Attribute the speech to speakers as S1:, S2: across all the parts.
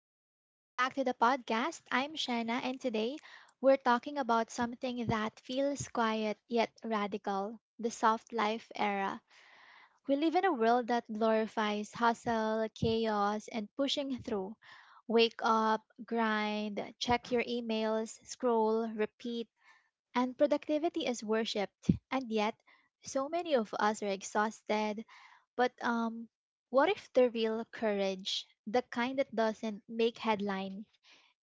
S1: Hi, welcome back to the podcast. I'm Shanna, and today we're talking about something that feels quiet yet radical: the soft life era. We live in a world that glorifies hustle, chaos, and pushing through. Wake up, grind, check your emails, scroll, repeat, and productivity is worshipped. And yet, so many of us are exhausted. But what if the real courage, the kind that doesn't make headlines,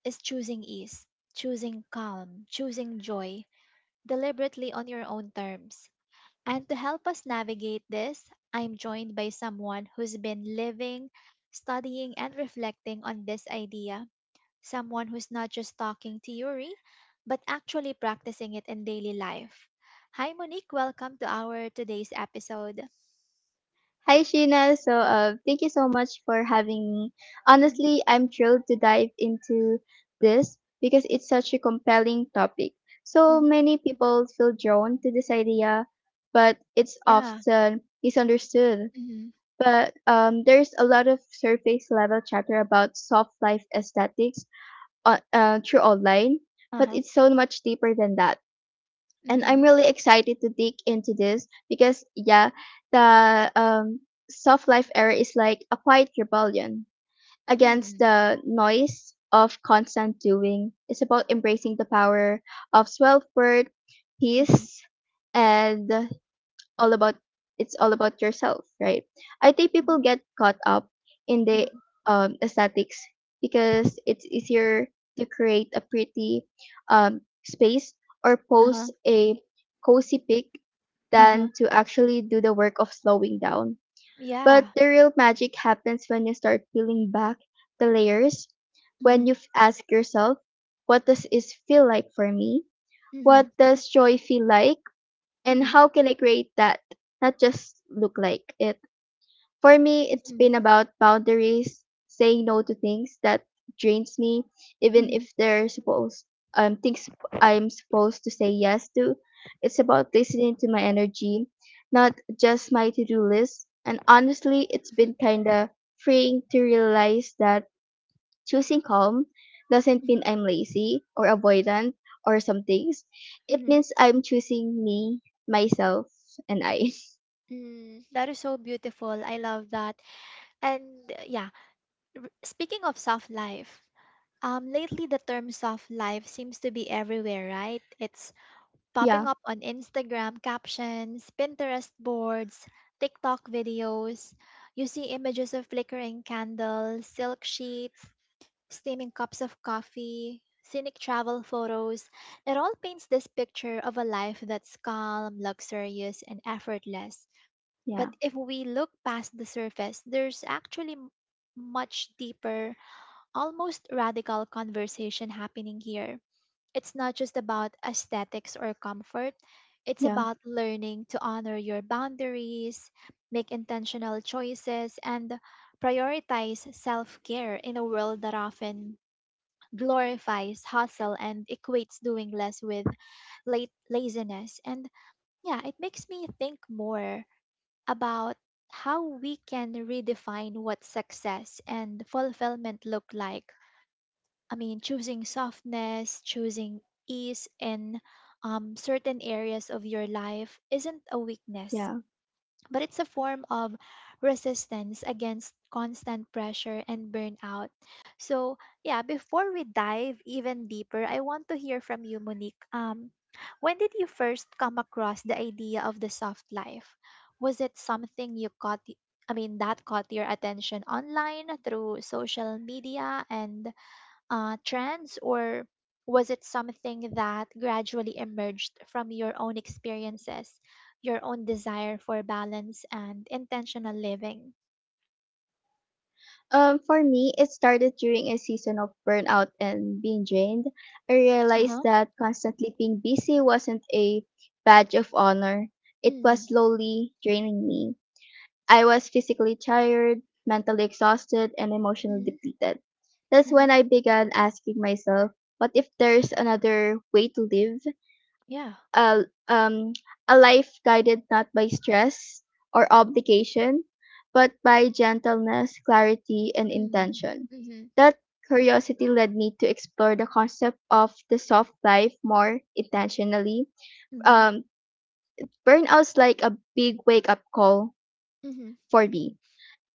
S1: is choosing ease, choosing calm, choosing joy, deliberately on your own terms? And to help us navigate this, I'm joined by someone who's been living, studying, and reflecting on this idea. Someone who's not just talking theory, but actually practicing it in daily life. Hi, Monique. Welcome to our today's episode.
S2: Hi, Sheena. Thank you so much for having me.
S1: Hmm.
S2: Honestly, I'm thrilled to dive into this because it's such a compelling topic. So
S1: Hmm.
S2: many people feel drawn to this idea, but it's
S1: Yeah.
S2: often misunderstood.
S1: Hmm.
S2: But there's a lot of surface level chatter about soft life aesthetics through online,
S1: Uh
S2: but
S1: huh.
S2: it's so much deeper than that, and
S1: Hmm.
S2: I'm really excited to dig into this because yeah, the soft life era is like a quiet rebellion
S1: Mm-hmm.
S2: against the noise of constant doing. It's about embracing the power of self worth,
S1: Mm-hmm.
S2: peace, and all about it's all about yourself, right? I think people get caught up in the
S1: Mm-hmm.
S2: um, aesthetics because it's easier to create a pretty um, space or
S1: Uh huh.
S2: post a cozy pic
S1: Uh huh.
S2: than to actually do the work of slowing down. But
S1: Yeah.
S2: the real magic happens when you start peeling back the layers, when you
S1: Mhm,
S2: ask yourself, what does this feel like for me? What
S1: mhm,
S2: does joy feel like? And
S1: mhm,
S2: how can I create that, not just look like it. For me, it's
S1: mhm,
S2: been about boundaries, saying no to things that drains me, even
S1: mhm,
S2: if they're supposed things I'm supposed to say yes to. It's about listening to my energy, not just my to-do list. And honestly, it's
S1: mhm,
S2: been kinda freeing to realize that choosing calm doesn't mean
S1: mhm,
S2: I'm lazy or avoidant or some things. It
S1: mhm.
S2: means I'm choosing me, myself, and I.
S1: Mm, that is so beautiful. I love that. And yeah, speaking of soft life, lately the term soft life seems to be everywhere, right? It's popping
S2: Yeah,
S1: up on Instagram captions, Pinterest boards, TikTok videos. You see images of flickering candles, silk sheets, steaming cups of coffee, scenic travel photos. It all paints this picture of a life that's calm, luxurious, and effortless.
S2: yeah,
S1: But if we look past the surface, there's actually much deeper, almost radical conversation happening here. It's not just about aesthetics or comfort. It's
S2: yeah,
S1: about learning to honor your boundaries, make intentional choices, and prioritize self care in a world that often glorifies hustle and equates doing less with late laziness. And yeah, it makes me think more about how we can redefine what success and fulfillment look like. I mean, choosing softness, choosing ease in certain areas of your life isn't a weakness
S2: yeah.
S1: but it's a form of resistance against constant pressure and burnout. So, yeah, before we dive even deeper, I want to hear from you, Monique. When did you first come across the idea of the soft life? Was it something you caught? I mean, that caught your attention online through social media and trends, or was it something that gradually emerged from your own experiences, your own desire for balance and intentional living?
S2: For me, it started during a season of burnout and being drained. I
S1: Uh
S2: realized
S1: huh.
S2: that constantly being busy wasn't a badge of honor. It was
S1: Mm.
S2: slowly draining me. I was physically tired, mentally exhausted, and emotionally
S1: Mhm.
S2: depleted. That's
S1: Mhm.
S2: when I began asking myself, what if there's another way to live?
S1: Yeah.
S2: A, um, a life guided not by stress or obligation, but by gentleness, clarity, and
S1: Mm.
S2: intention.
S1: Mhm.
S2: That curiosity led me to explore the concept of the soft life more intentionally.
S1: Mhm.
S2: Um, Burnouts like a big wake up call
S1: Mhm.
S2: for me.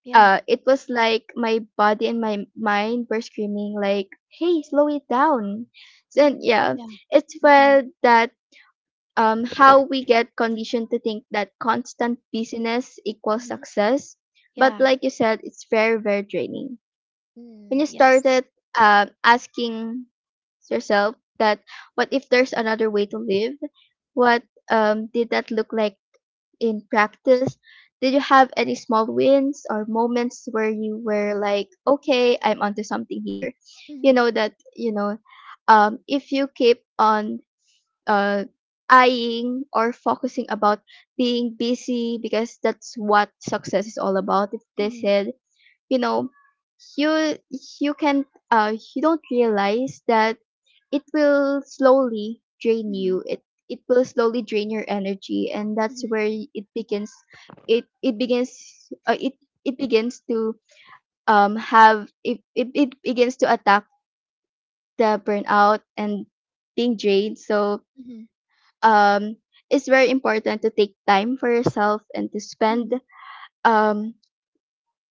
S1: Yeah.
S2: It was like my body and my mind were screaming like, "Hey, slow it down." So
S1: Mm.
S2: yeah,
S1: Yeah.
S2: it's
S1: Mhm.
S2: well that how we get conditioned to think that constant busyness equals
S1: Mhm.
S2: success, but
S1: Yeah.
S2: like you said, it's very very draining. When
S1: Mm.
S2: you
S1: Yes.
S2: started asking yourself that, what if there's another way to live? What did that look like? In practice, did you have any small wins or moments where you were like, okay, I'm onto something here? You
S1: Mhm.
S2: know that, you know, if you keep on uh, eyeing or focusing about being busy because that's what success is all about, if they
S1: Mhm.
S2: said, you know, you can you don't realize that it will slowly drain
S1: Mhm.
S2: you, it will slowly drain your energy, and that's
S1: Mhm.
S2: where it begins, it begins it it begins to have it, it it begins to attack the burnout and being drained. So
S1: Mhm.
S2: um it's very important to take time for yourself and to spend
S1: Mhm.
S2: um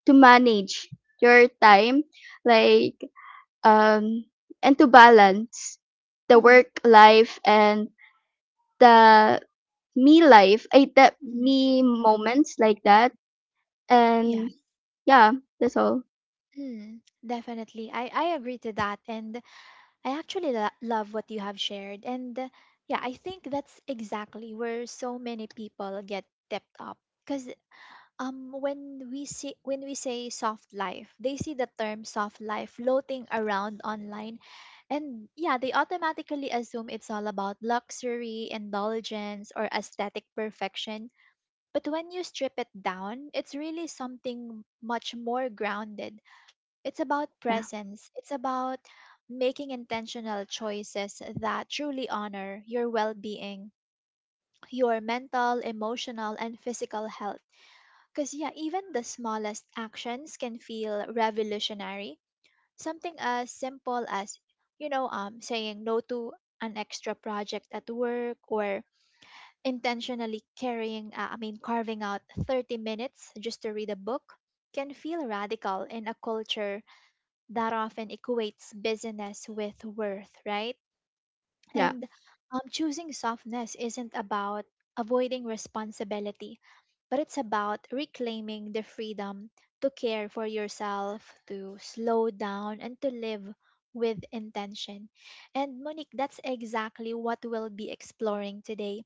S2: to manage your time, like um, and to balance the
S1: Mhm.
S2: work life and the me life, I the
S1: Mhm.
S2: me moments like that. And
S1: Yes.
S2: yeah, that's all.
S1: Mm. Definitely. I agree to that. And I actually love what you have shared. And yeah, I think that's exactly where so many people get tipped up. Because when we say soft life, they see the term soft life floating around online, and yeah, they automatically assume it's all about luxury, indulgence, or aesthetic perfection. But when you strip it down, it's really something much more grounded. It's about
S2: Yeah,
S1: presence. It's about making intentional choices that truly honor your well being, your mental, emotional, and physical health. Because, yeah, even the smallest actions can feel revolutionary. Something as simple as, saying no to an extra project at work or intentionally carving out 30 minutes just to read a book can feel radical in a culture that often equates busyness with worth, right?
S2: yeah,
S1: And choosing softness isn't about avoiding responsibility, but it's about reclaiming the freedom to care for yourself, to slow down, and to live with intention. And Monique, that's exactly what we'll be exploring today,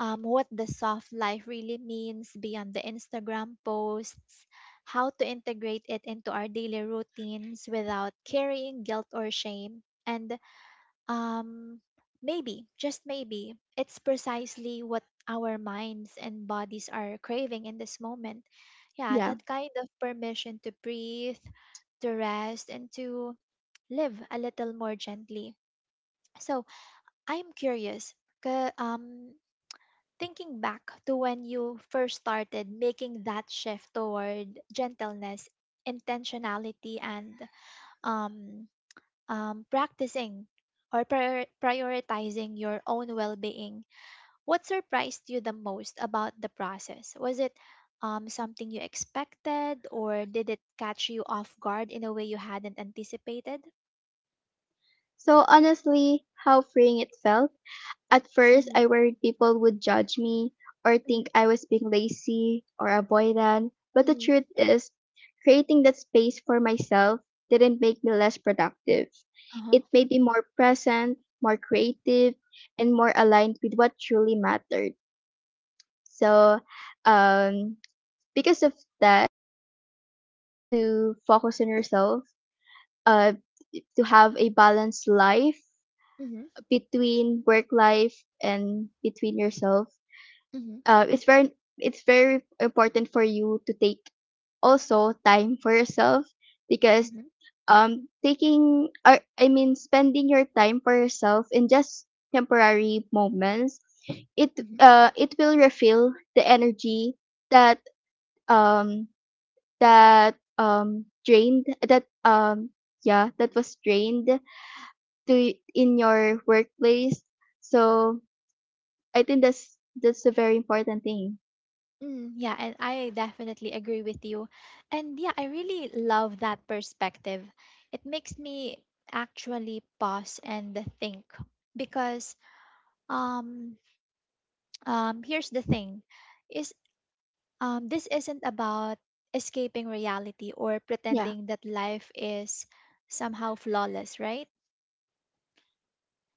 S1: what the soft life really means beyond the Instagram posts, how to integrate it into our daily routines without carrying guilt or shame. And um, maybe, just maybe, it's precisely what our minds and bodies are craving in this moment. Yeah,
S2: yeah.
S1: that kind of permission to breathe, to rest, and to live a little more gently. So I'm curious, thinking back to when you first started making that shift toward gentleness, intentionality, and um, practicing or prioritizing your own well being, what surprised you the most about the process? Was it something you expected, or did it catch you off guard in a way you hadn't anticipated?
S2: So honestly, how freeing it felt. At first,
S1: Mm-hmm.
S2: I worried people would judge me or
S1: Mm-hmm.
S2: think I was being lazy or avoidant. But the
S1: Mm-hmm.
S2: truth is, creating that space for myself didn't make me less productive.
S1: Uh huh.
S2: It made me more present, more creative, and more aligned with what truly mattered. So, um, because of that, you can be able to focus on yourself, uh, to have a balanced life
S1: Mm-hmm.
S2: between work life and between yourself.
S1: Mm-hmm.
S2: uh, it's very it's very important for you to take also time for yourself because taking or I mean spending your time for yourself in just temporary moments, it
S1: Mm-hmm.
S2: uh, it will refill the energy that um that drained that yeah that was drained to in your workplace. So I think that's a very important thing.
S1: Mm, yeah, and I definitely agree with you. And yeah, I really love that perspective. It makes me actually pause and think, because um here's the thing is this isn't about escaping reality or
S2: Yeah,
S1: pretending that life is somehow flawless, right?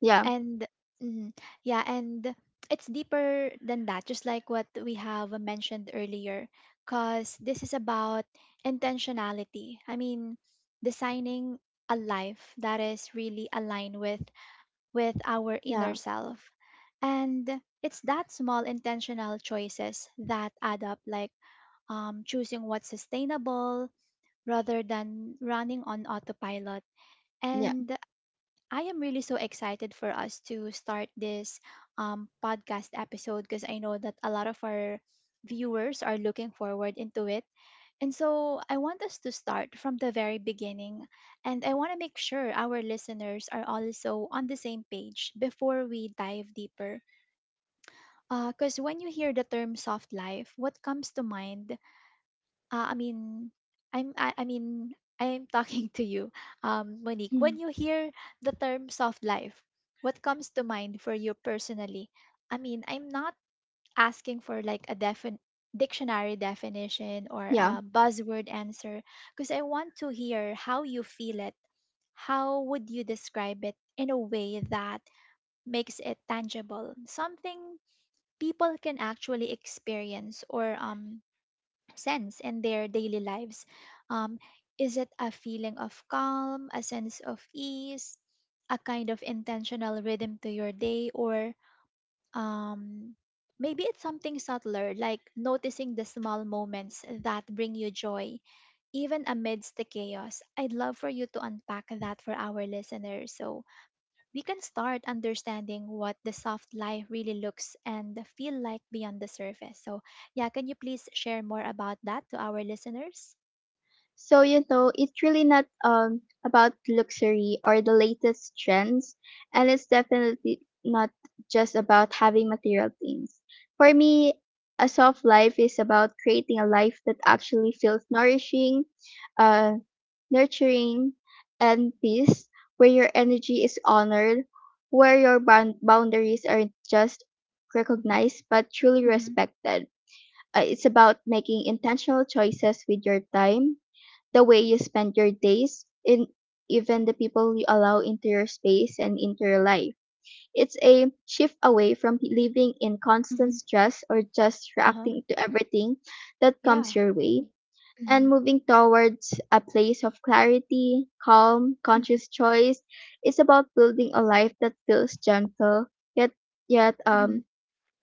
S2: yeah.
S1: And mm, yeah, and it's deeper than that, just like what we have mentioned earlier, because this is about intentionality. I mean, designing a life that is really aligned with our inner
S2: Yeah,
S1: self. And it's that small intentional choices that add up, like choosing what's sustainable rather than running on autopilot.
S2: yeah,
S1: And I am really so excited for us to start this podcast episode, because I know that a lot of our viewers are looking forward into it. And so I want us to start from the very beginning, and I want to make sure our listeners are also on the same page before we dive deeper. Because when you hear the term soft life, what comes to mind, uh, I mean, I mean I'm talking to you, Monique.
S2: mhm,
S1: When you hear the term soft life, what comes to mind for you personally? I mean, I'm not asking for like a dictionary definition or
S2: yeah.
S1: a buzzword answer, because I want to hear how you feel it. How would you describe it in a way that makes it tangible? Something people can actually experience or sense in their daily lives? Um, is it a feeling of calm, a sense of ease, a kind of intentional rhythm to your day, or um, maybe it's something subtler, like noticing the small moments that bring you joy, even amidst the chaos? I'd love for you to unpack that for our listeners. So, we can start understanding what the soft life really looks and feel like beyond the surface. So, yeah, can you please share more about that to our listeners?
S2: So you know, it's really not about luxury or the latest trends, and it's definitely not just about having material things. For me, a soft life is about creating a life that actually feels nourishing, uh, nurturing, and peace, where your energy is honored, where your boundaries are just recognized but truly
S1: Mm-hmm.
S2: respected. It's about making intentional choices with your time, the way you spend your days, and even the people you allow into your space and into your life. It's a shift away from living in constant
S1: Mm-hmm.
S2: stress or just
S1: Uh huh.
S2: reacting to everything that comes
S1: Yeah.
S2: your way, and
S1: Hmm.
S2: moving towards a place of clarity, calm, conscious choice. It's about building a life that feels gentle yet yet
S1: Mm-hmm.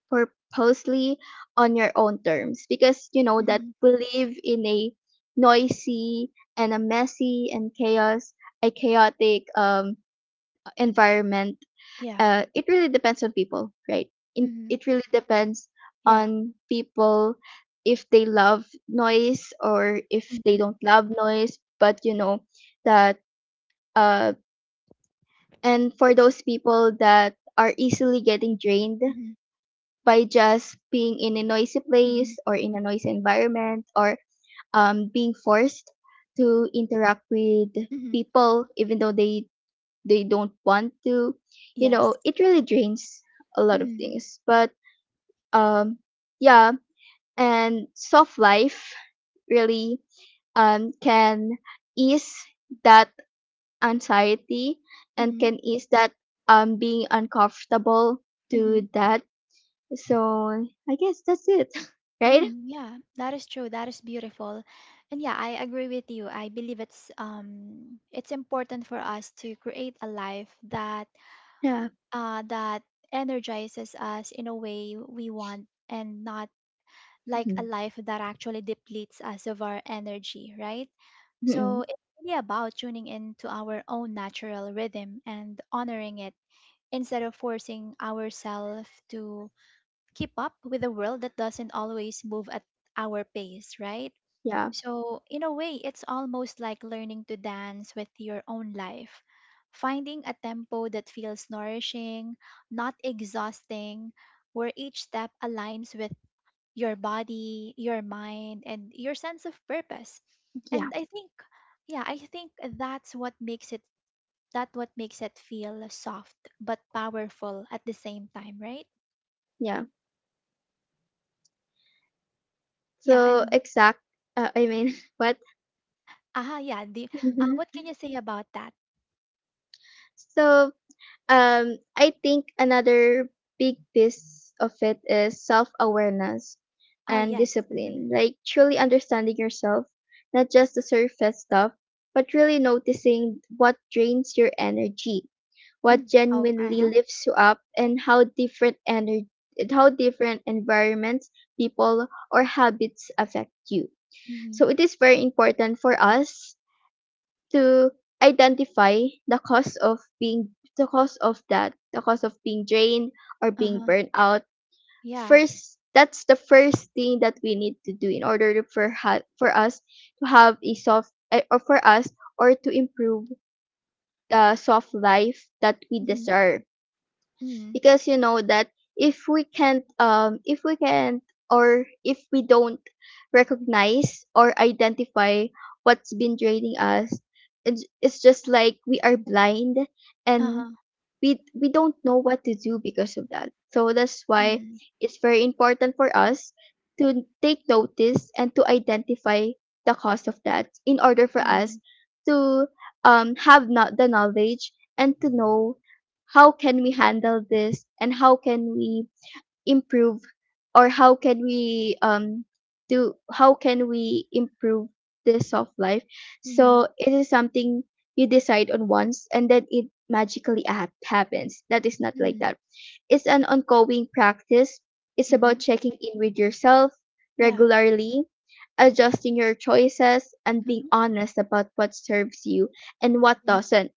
S2: purposely on your own terms, because you know that
S1: Mm-hmm.
S2: we live in a noisy and a messy and chaos a chaotic environment.
S1: Yeah.
S2: Uh, it really depends on people, right?
S1: Mm-hmm.
S2: It really
S1: Mm-hmm.
S2: depends
S1: Yeah.
S2: on people, if they love noise or if they
S1: Mm-hmm.
S2: don't love noise. But you know that uh, and for those people that are easily getting drained
S1: Mm-hmm.
S2: by just being in a noisy
S1: Mm-hmm.
S2: place or in a noisy environment, or being forced to interact with
S1: Mm-hmm.
S2: people even though they don't want to, you know,
S1: Yes.
S2: it really drains a lot of
S1: Mm,
S2: things. But um yeah, and soft life really can ease that anxiety and
S1: mhm,
S2: can ease that being uncomfortable
S1: mhm.
S2: to that. So I guess that's it. Right.
S1: Mm, yeah, that is true. That is beautiful. And yeah, I agree with you. I believe it's important for us to create a life that
S2: Yeah.
S1: that energizes us in a way we want, and not like a
S2: Mhm.
S1: life that actually depletes us of our energy, right? So
S2: Mhm.
S1: it's really about tuning into our own natural rhythm and honoring it instead of forcing ourselves to keep up with a world that doesn't always move at our pace, right?
S2: Yeah,
S1: So, in a way, it's almost like learning to dance with your own life, finding a tempo that feels nourishing, not exhausting, where each step aligns with your body, your mind, and your sense of purpose. And
S2: yeah,
S1: I think, yeah, I think that what makes it feel soft but powerful at the same time, right?
S2: yeah.
S1: Yeah,
S2: So
S1: and
S2: exact. I mean, what?
S1: aha, yeah. What can you say about that?
S2: So I think another big piece of it is self-awareness
S1: Oh
S2: and
S1: yes. Mm-hmm.
S2: discipline. Like truly understanding yourself, not just the surface stuff, but really noticing what drains your energy, what
S1: Mm. Oh, uh
S2: genuinely
S1: huh.
S2: lifts you up, and how different energy, how different environments, people, or habits affect you.
S1: Mhm.
S2: So it is very important for us to identify the cause of being the cause of being drained or being
S1: Uh-huh.
S2: burned out.
S1: Yeah.
S2: First, that's the first thing that we need to do in order to for, for us to have a soft, or for us or to improve the soft life that we
S1: Mhm.
S2: deserve.
S1: Mhm.
S2: Because you know that if we can't or if we don't recognize or identify what's been draining us, it's just like we are blind, and
S1: Uh-huh.
S2: we don't know what to do because of that. So that's why
S1: Mhm.
S2: it's very important for us to take notice and to identify the cause of that in order for us
S1: Mhm.
S2: to have not the knowledge and to know how can we handle this and how can we improve, or how can we do how can we improve this soft life.
S1: Mhm.
S2: So it is something you decide on once and then it magically happens. That is not like
S1: Mhm.
S2: that. It's an ongoing practice. It's about
S1: Mhm.
S2: checking in with yourself
S1: Yeah.
S2: regularly, adjusting your choices, and being
S1: Mhm.
S2: honest about what serves you and what
S1: Mhm.
S2: doesn't.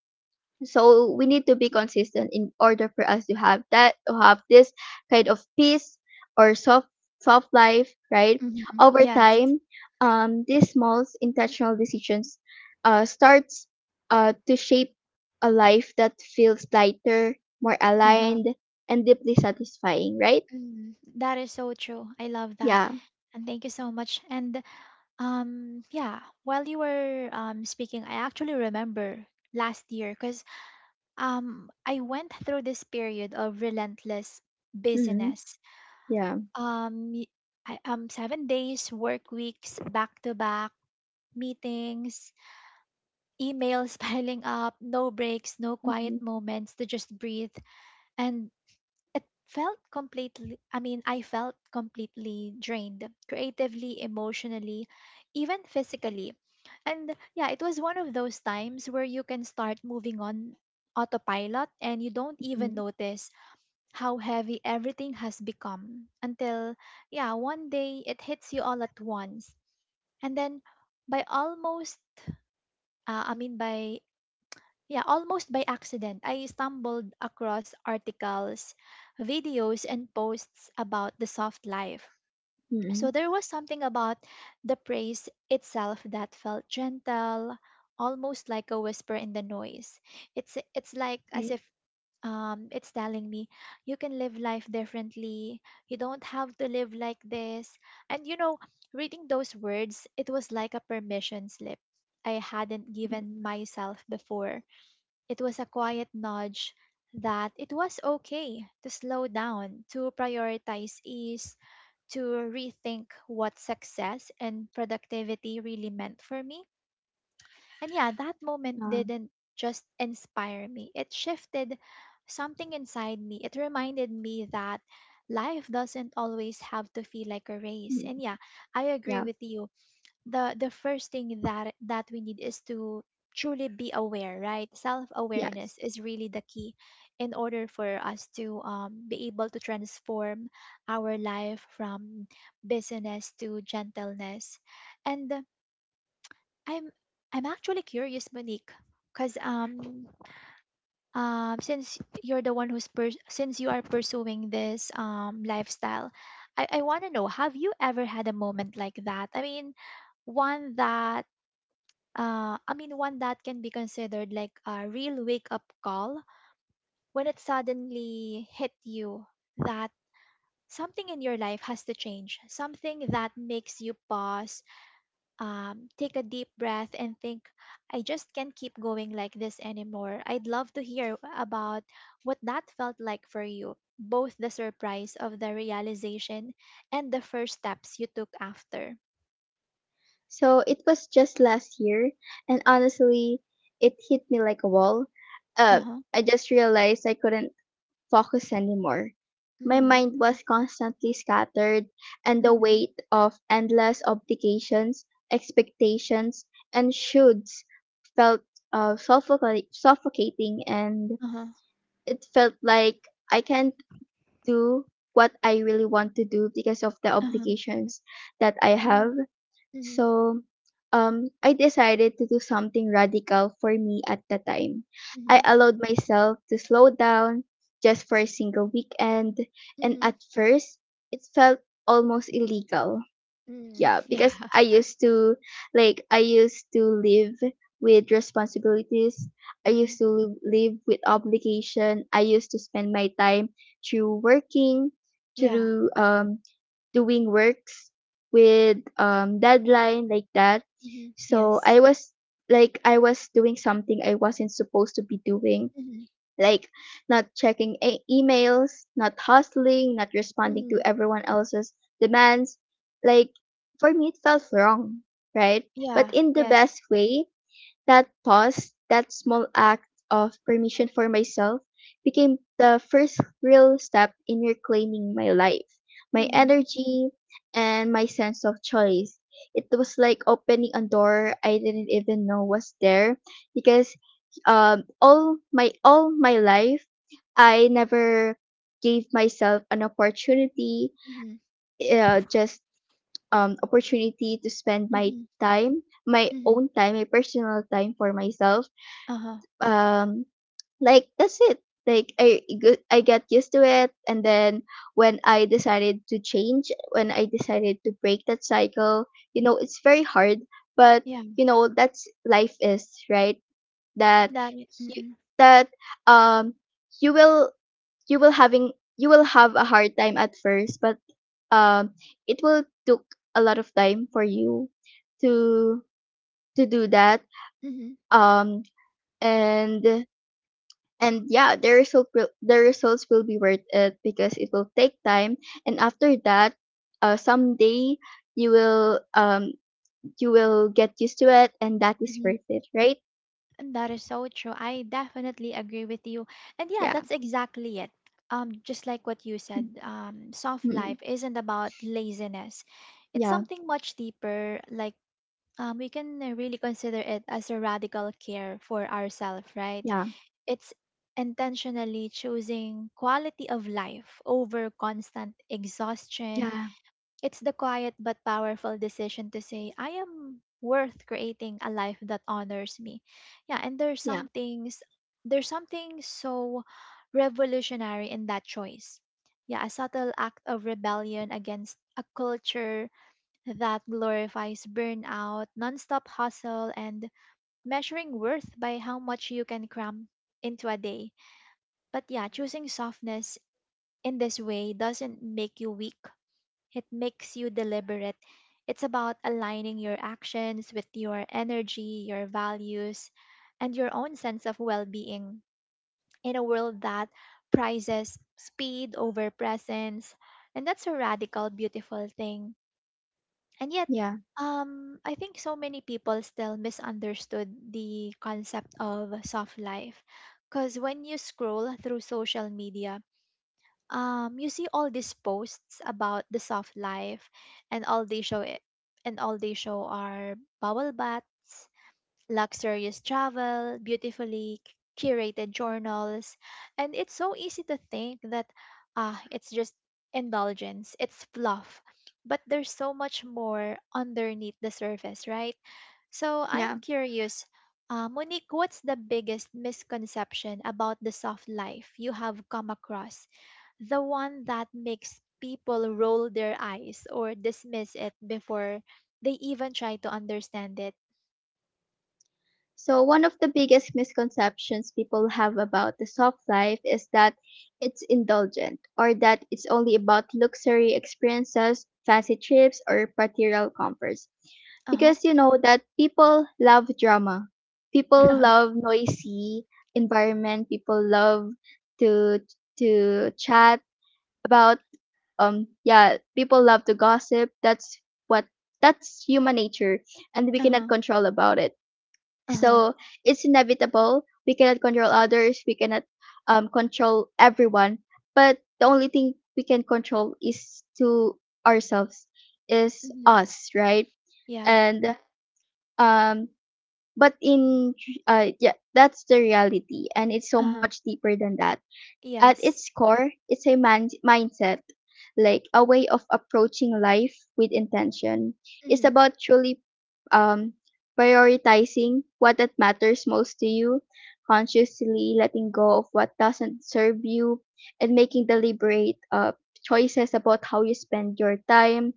S2: So we need to be consistent in order for us to have that, to have this kind of peace or soft life, right?
S1: Mhm.
S2: Over
S1: Yes.
S2: time, these small intentional decisions uh, starts uh, to shape a life that feels lighter, more
S1: Uh-huh.
S2: aligned, and deeply satisfying, right?
S1: Mhm. That is so true. I love that.
S2: Yeah.
S1: And thank you so much. And yeah, while you were speaking, I actually remember last year, cuz I went through this period of relentless
S2: Mm-hmm.
S1: busyness.
S2: Yeah.
S1: Um y- 7 days work weeks, back to back meetings, emails piling up, no breaks, no quiet
S2: Mm-hmm.
S1: moments to just breathe. And it felt I felt completely drained creatively, emotionally, even physically. And yeah, it was one of those times where you can start moving on autopilot and you don't even
S2: Mm-hmm.
S1: notice how heavy everything has become until, yeah, one day it hits you all at once. And then, by almost I mean by yeah, almost by accident, I stumbled across articles, videos, and posts about the soft life.
S2: Mm-hmm.
S1: So there was something about the praise itself that felt gentle, almost like a whisper in the noise. It's like as
S2: Okay.
S1: if it's telling me you can live life differently. You don't have to live like this. And reading those words, it was like a permission slip I hadn't given
S2: Mm-hmm.
S1: myself before. It was a quiet nudge that it was okay to slow down, to prioritize ease, to rethink what success and productivity really meant for me. And yeah, that moment
S2: Uh,
S1: didn't just inspire me, it shifted something inside me. It reminded me that life doesn't always have to feel like a race.
S2: mm-hmm.
S1: And yeah, I agree
S2: Yeah.
S1: with you. The first thing that we need is to truly be aware, right? Self
S2: Yes.
S1: awareness is really the key in order for us to be able to transform our life from busyness to gentleness. And uh, i'm i'm actually curious, Monique, because since you're the one who's pers since you are pursuing this lifestyle, I want to know, have you ever had a moment like that? One that One that can be considered like a real wake up call, when it suddenly hit you that something in your life has to change, something that makes you pause, take a deep breath, and think, I just can't keep going like this anymore. I'd love to hear about what that felt like for you, both the surprise of the realization and the first steps you took after.
S2: So it was just last year, and honestly, it hit me like a wall.
S1: Uh
S2: Uh,
S1: huh.
S2: I just realized I couldn't focus anymore. My
S1: Mm-hmm.
S2: mind was constantly scattered, and the weight of endless obligations, expectations, and shoulds felt suffocating, and
S1: Uh huh.
S2: it felt like I can't do what I really want to do because of the
S1: Uh huh.
S2: obligations that I have.
S1: Mm-hmm.
S2: So, I decided to do something radical for me at the time. I
S1: Mhm.
S2: allowed myself to slow down just for a single weekend, and
S1: Mhm.
S2: at first, it felt almost illegal.
S1: Mm.
S2: Yeah, because
S1: Yeah.
S2: I used to, like, I used to live with responsibilities. I used
S1: Mhm.
S2: to live with obligation. I used to spend my time through working,
S1: Yeah.
S2: through doing works with deadline like that.
S1: Mhm.
S2: So
S1: Yes.
S2: I was like I was doing something I wasn't supposed to be doing,
S1: Mhm.
S2: like not checking emails, not hustling, not responding to
S1: Mhm.
S2: everyone else's demands. Like for me it felt wrong, right? But
S1: Yeah.
S2: in the
S1: Yes.
S2: best way, that pause, that small act of permission for myself, became the first real step in reclaiming my life, my
S1: Mhm.
S2: energy, and my sense of choice. It was like opening a door I didn't even know was there because all my life I never gave myself an opportunity,
S1: Mhm.
S2: just opportunity to spend my
S1: Mhm.
S2: time, my
S1: Mhm.
S2: own time, my personal time for myself.
S1: Uh-huh.
S2: um like that's it. Like, I got used to it, and then when I decided to break that cycle, you know it's very hard. But
S1: Yeah.
S2: you know that's life, is right? That, you,
S1: Mm-mm.
S2: that um you will you will have a hard time at first, but um it will took a lot of time for you to to do that.
S1: Mhm.
S2: um and and yeah, the results will be worth it because it will take time. And after that, someday you will um you will get used to it, and that is
S1: Mhm.
S2: worth it, right?
S1: And that is so true. I definitely agree with you. And yeah,
S2: Yeah.
S1: that's exactly it. Just like what you said, soft
S2: Mm, mm.
S1: life isn't about laziness. It's
S2: Yeah,
S1: something much deeper. Like, we can really consider it as a radical care for ourselves, right?
S2: yeah,
S1: It's intentionally choosing quality of life over constant exhaustion.
S2: yeah,
S1: It's the quiet but powerful decision to say, I am worth creating a life that honors me. Yeah, and
S2: yeah,
S1: there's something so revolutionary in that choice. Yeah, a subtle act of rebellion against a culture that glorifies burnout, nonstop hustle, and measuring worth by how much you can cram into a day. But yeah, choosing softness in this way doesn't make you weak, it makes you deliberate. It's about aligning your actions with your energy, your values, and your own sense of well being in a world that prizes speed over presence. And that's a radical, beautiful thing. And yet,
S2: yeah,
S1: I think so many people still misunderstood the concept of soft life. Because when you scroll through social media, you see all these posts about the soft life, and all they show are bubble baths, luxurious travel, beautifully curated journals, and it's so easy to think that, ah, it's just indulgence, it's fluff. But there's so much more underneath the surface, right? So I'm
S2: yeah.
S1: curious, Monique, what's the biggest misconception about the soft life you have come across? The one that makes people roll their eyes or dismiss it before they even try to understand it.
S2: So, one of the biggest misconceptions people have about the soft life is that it's indulgent or that it's only about luxury experiences, fancy trips, or material comforts.
S1: Uh
S2: Because you know that people love drama, people
S1: huh.
S2: love noisy environment, people love to to chat about, yeah, people love to gossip. What that's human nature, and we cannot
S1: Uh-huh,
S2: control about it,
S1: uh-huh.
S2: so it's inevitable. We cannot control others. We cannot, control everyone. But the only thing we can control is to ourselves, is
S1: Mhm.
S2: us, right?
S1: Yeah.
S2: And, um, but in yeah, that's the reality, and it's so
S1: Uh-huh.
S2: much deeper than that. At its
S1: Yes.
S2: core, it's a mindset, like a way of approaching life with intention. It's
S1: Mhm.
S2: about truly, um, prioritizing what that matters most to you, consciously letting go of what doesn't serve you, and making deliberate, choices about how you spend your time,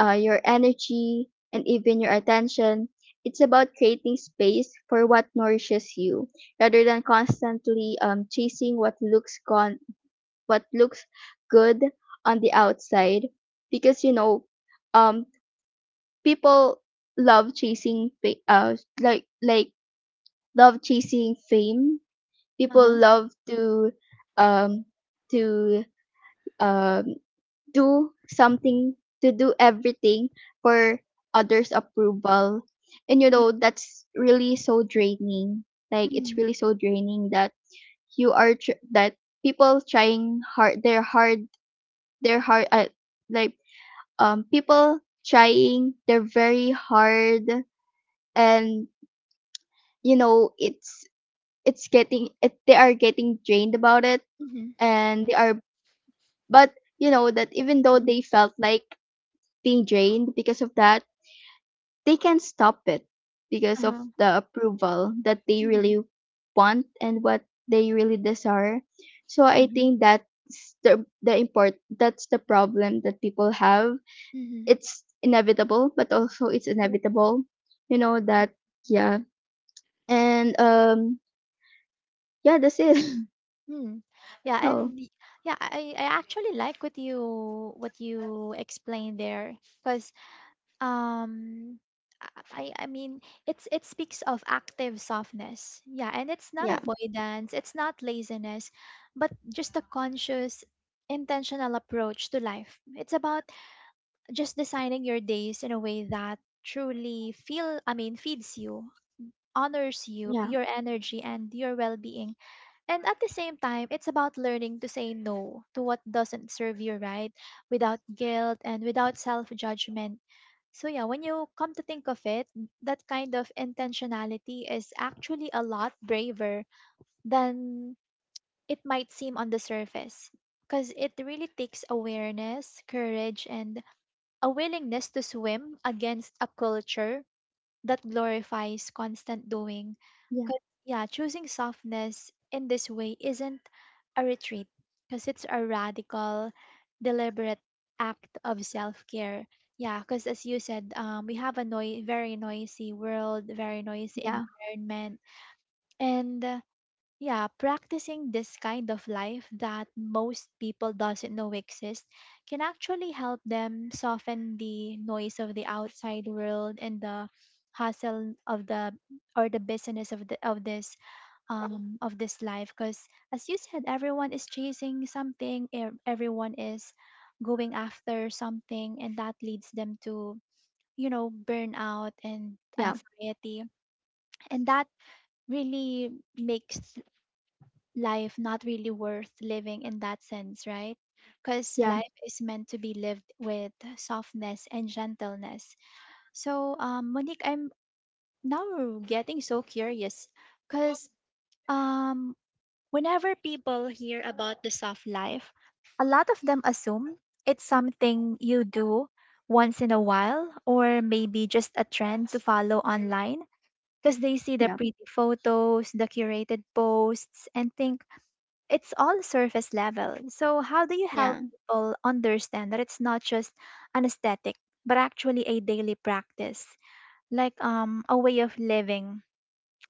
S2: your energy, and even your attention. It's about creating space for what nourishes you, rather than constantly, chasing what looks gone, what looks good on the outside. Because you know, um, people love chasing fa- like love chasing fame, people
S1: Uh-huh.
S2: love um to um do something to do everything for others approval, and you
S1: Yeah.
S2: know that's really so draining. Like it's
S1: Mm.
S2: really so draining that you are tr- that people trying hard, their hard their hard like people trying their very hard, and you know they are getting drained about it.
S1: Mhm.
S2: And they are, but you know that even though
S1: Mhm.
S2: they felt like being drained because of that, they can stop it because of
S1: Uh-huh.
S2: the approval that they
S1: Mhm.
S2: really want and what they really desire. So I
S1: Uh-huh.
S2: think that's the problem that people have.
S1: Mhm.
S2: It's inevitable, but also it's
S1: Yeah.
S2: inevitable, you know that. Yeah, and, yeah, that's it.
S1: Mm. Yeah,
S2: So
S1: and y- yeah, I actually like what you explained there, because um I I mean it's, it speaks of active softness. Yeah, and it's not
S2: yeah.
S1: avoidance, it's not laziness, but just a conscious, intentional approach to life. It's about just designing your days in a way that truly feel I mean feeds you, honors you,
S2: Yeah,
S1: your energy and your well-being. And at the same time, it's about learning to say no to what doesn't serve you, right? Without guilt and without self-judgment. So yeah, when you come to think of it, that kind of intentionality is actually a lot braver than it might seem on the surface, because it really takes awareness, courage, and a willingness to swim against a culture that glorifies constant doing.
S2: yeah,
S1: Because, yeah, choosing softness in this way isn't a retreat, because it's a radical, deliberate act of self care. Yeah, because as you said, we have a very noisy world, very noisy
S2: yeah,
S1: environment. And yeah, practicing this kind of life that most people doesn't know exists can actually help them soften the noise of the outside world and the hustle of the, or the business of the of this, of this life, because as you said, everyone is chasing something, everyone is going after something, and that leads them to, you know, burnout and
S2: yeah,
S1: anxiety, and that really makes life not really worth living in that sense, right? Because
S2: yeah,
S1: life is meant to be lived with softness and gentleness. So, Monique, I'm now getting so curious because um, whenever people hear about the soft life, a lot of them assume it's something you do once in a while, or maybe just a trend to follow online, because they see the
S2: yeah,
S1: pretty photos, the curated posts, and think, it's all surface level. So, how do you help
S2: yeah.
S1: people understand that it's not just an aesthetic, but actually a daily practice, like, a way of living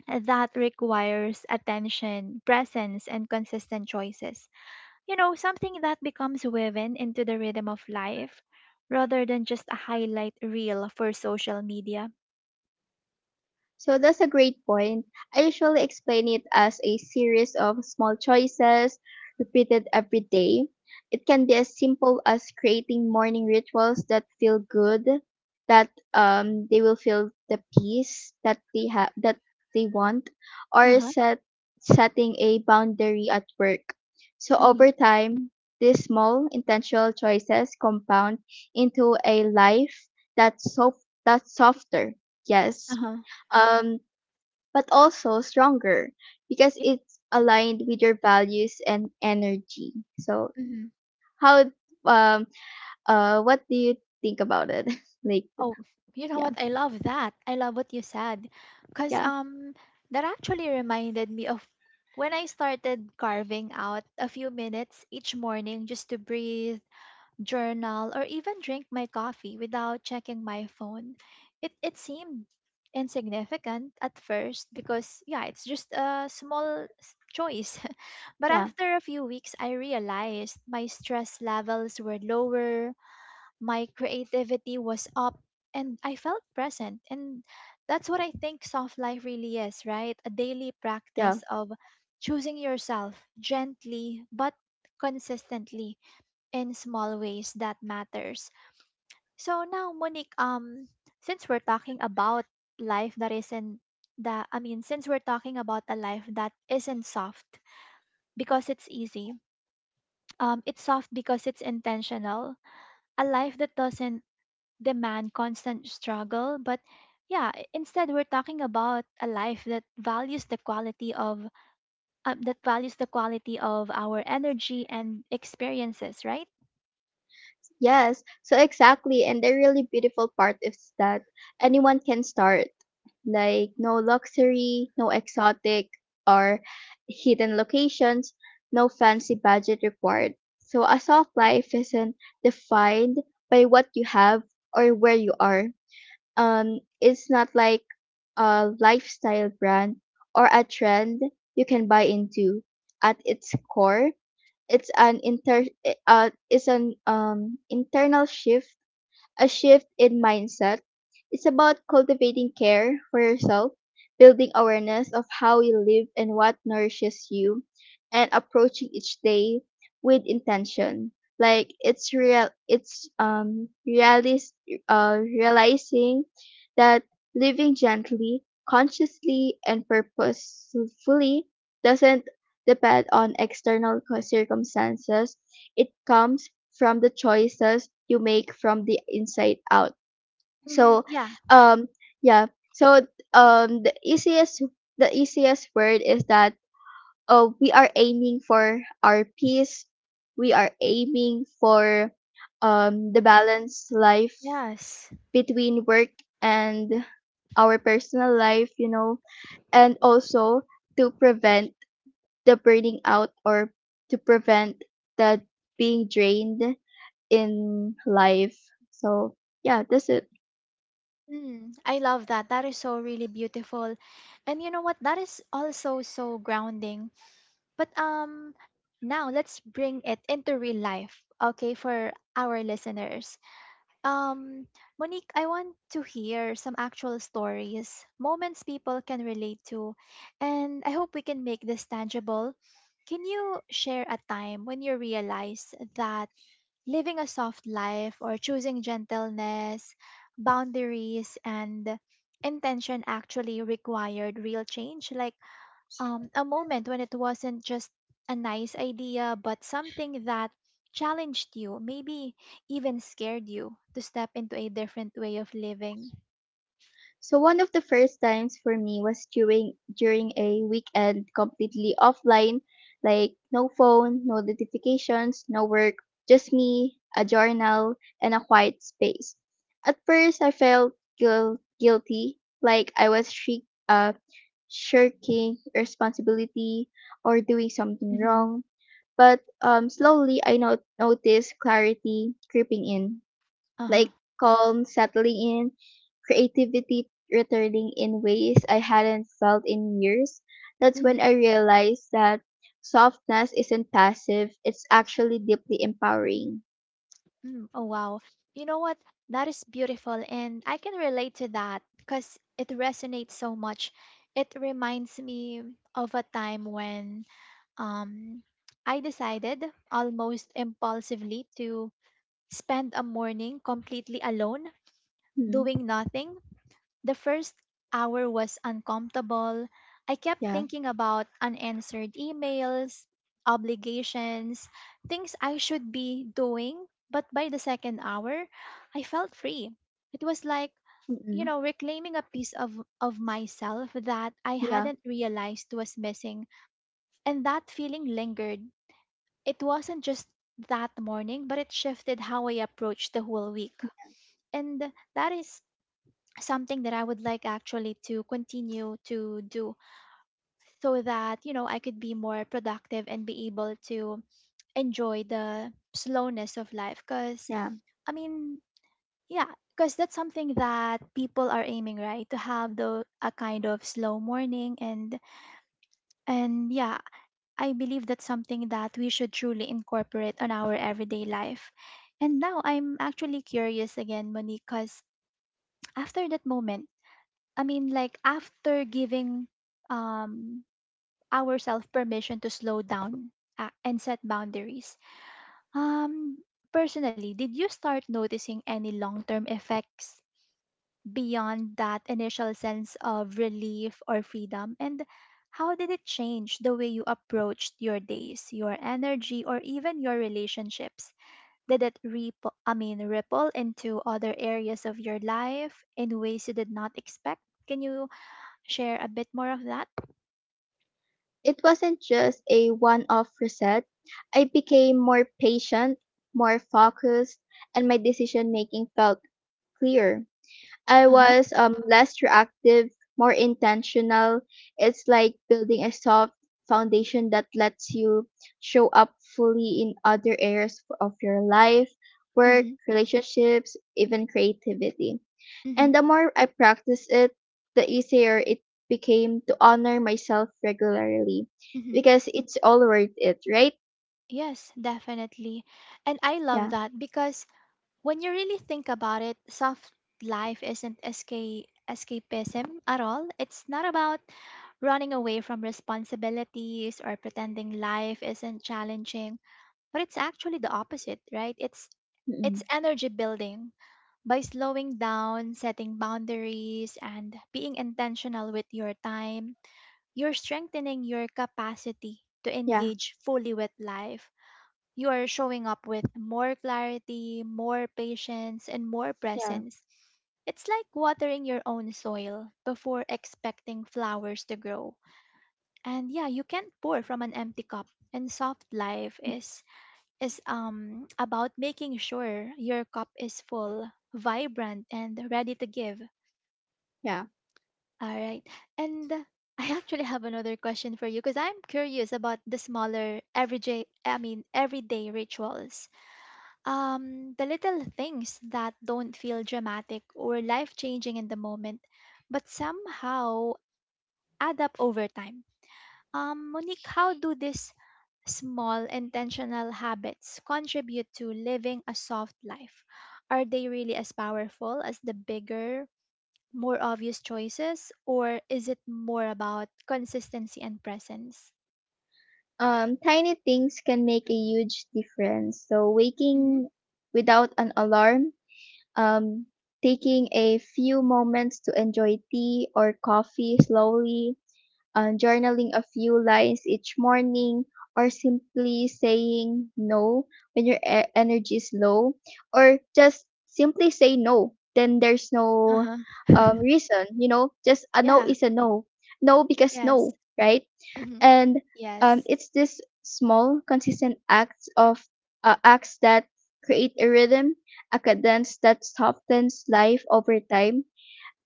S1: that requires attention, presence, and consistent choices? You know, something that becomes woven into the rhythm of life rather than just a highlight reel for social media.
S2: So that's a great point. I usually explain it as a series of small choices repeated every day. It can be as simple as creating morning rituals that feel good, that they will feel the peace that they have that they want,
S1: Uh
S2: or
S1: huh.
S2: setting a boundary at work. So
S1: Mm-hmm.
S2: over time, these small intentional choices compound into a life that's softer,
S1: Uh
S2: yes,
S1: huh.
S2: um, but also stronger because it's aligned with your values and energy. So,
S1: Yeah.
S2: how um what do you think about it? Like,
S1: Oh, you know
S2: yeah,
S1: what? I love that. I love what you said. Cause
S2: yeah,
S1: that actually reminded me of when I started carving out a few minutes each morning just to breathe, journal, or even drink my coffee without checking my phone. It seemed insignificant at first, because yeah, it's just a small choice. But
S2: yeah,
S1: after a few weeks I realized my stress levels were lower, my creativity was up, and I felt present. And that's what I think soft life really is, right? A daily
S2: yeah.
S1: practice of choosing yourself gently but consistently, in small ways that matters. So now Monique, since we're talking about life that isn't that I mean since we're talking about a life that isn't soft because it's easy. It's soft because it's intentional. A life that doesn't demand constant struggle. But yeah, instead we're talking about a life that values the quality of, our energy and experiences, right?
S2: Yes, so exactly. And the really beautiful part is that anyone can start. Like, no luxury, no exotic or hidden locations, no fancy budget required. So, a soft life isn't defined by what you have or where you are. It's not like a lifestyle brand or a trend you can buy into. At its core, it's an inter eh, is an internal shift, a shift in mindset. It's about cultivating care for yourself, building awareness of how you live and what nourishes you, and approaching each day with intention. Like, it's real, realizing that living gently, consciously, and purposefully doesn't depend on external circumstances. It comes from the choices you make from the inside out.
S1: Hmm.
S2: So,
S1: Yeah.
S2: um, yeah. So, um, the easiest the easiest word is that, oh, we are aiming for our peace. We are aiming for the balanced life
S1: Yes.
S2: between work and our personal life, you know, and also to prevent the burning out or to prevent the being drained in life. So yeah, that's it.
S1: Mm, I love that. That is so really beautiful. And you know what? That is also so grounding. But now let's bring it into real life, okay, for our listeners. Um, Monique, I want to hear some actual stories, moments people can relate to, and I hope we can make this tangible. Can you share a time when you realize that living a soft life, or choosing gentleness, boundaries, and intention actually required real change? Like, a moment when it wasn't just a nice idea, but something that challenged you, maybe even scared you to step into a different way of living.
S2: So one of the first times for me was during a weekend completely offline, like no phone, no notifications, no work, just me, a journal, and a quiet space. At first, I felt guilty, like I was shirking responsibility or doing something
S1: Mm-hmm.
S2: wrong. But, slowly, I noticed clarity creeping in,
S1: Uh huh.
S2: like calm settling in, creativity returning in ways I hadn't felt in years. That's
S1: Mm-hmm.
S2: when I realized that softness isn't passive, it's actually deeply empowering.
S1: Mm. Oh, wow. You know what? That is beautiful. And I can relate to that, because it resonates so much. It reminds me of a time when um, I decided, almost impulsively, to spend a morning completely alone
S2: Mm,
S1: doing nothing. The first hour was uncomfortable. I kept
S2: yeah.
S1: thinking about unanswered emails, obligations, things I should be doing. But by the second hour, I felt free. It was like, you
S2: Mm-mm.
S1: know, reclaiming a piece of myself that I
S2: Yeah.
S1: hadn't realized was missing. And that feeling lingered. It wasn't just that morning, but it shifted how I approached the whole week. And that is something that I would like actually to continue to do, so that, you know, I could be more productive and be able to enjoy the slowness of life. Because,
S2: Yeah.
S1: I mean, yeah, because that's something that people are aiming, right? To have a kind of slow morning, and yeah, I believe that's something that we should truly incorporate on our everyday life. And now I'm actually curious again, Monique, because after that moment, I mean, like after giving um, ourselves permission to slow down and set boundaries, um, personally, did you start noticing any long term effects beyond that initial sense of relief or freedom? And how did it change the way you approached your days, your energy, or even your relationships? Did it ripple, ripple into other areas of your life in ways you did not expect? Can you share a bit more of that?
S2: It wasn't just a one off reset. I became more patient, more focused, and my decision making felt clear. I
S1: Uh-huh.
S2: was, less reactive, more intentional. It's like building a soft foundation that lets you show up fully in other areas of your life, work,
S1: Mhm.
S2: relationships, even creativity. And
S1: Mhm.
S2: the more I practice it, the easier it became to honor myself regularly
S1: Mhm.
S2: because it's all worth it, right?
S1: Yes, definitely. And I love
S2: Yeah.
S1: that, because when you really think about it, soft life isn't escape escapism at all. It's not about running away from responsibilities or pretending life isn't challenging, but it's actually the opposite, right?
S2: Mm-mm.
S1: It's energy building. By slowing down, setting boundaries, and being intentional with your time, you're strengthening your capacity to
S2: Yeah.
S1: engage fully with life. You are showing up with more clarity, more patience, and more
S2: Yeah.
S1: presence. It's like watering your own soil before expecting flowers to grow. And yeah, you can't pour from an empty cup. And soft life is about making sure your cup is full, vibrant and ready to give.
S2: Yeah.
S1: All right. And I actually have another question for you, because I'm curious about the smaller everyday I mean everyday rituals. The little things that don't feel dramatic or life-changing in the moment, but somehow add up over time. Monique, how do these small intentional habits contribute to living a soft life? Are they really as powerful as the bigger, more obvious choices, or is it more about consistency and presence?
S2: Tiny things can make a huge difference. So,
S1: Hmm.
S2: waking without an alarm, um, taking a few moments to enjoy tea or coffee slowly, journaling a few lines each morning, or simply saying no when your energy is low, or just simply say no. Then there's no,
S1: Uh-huh.
S2: reason, you know, just a no
S1: Yeah.
S2: is a no. No because
S1: Yes.
S2: no, right?
S1: Hmm.
S2: And,
S1: Yes.
S2: it's this small consistent acts of, acts that create a rhythm, a cadence that softens life over time.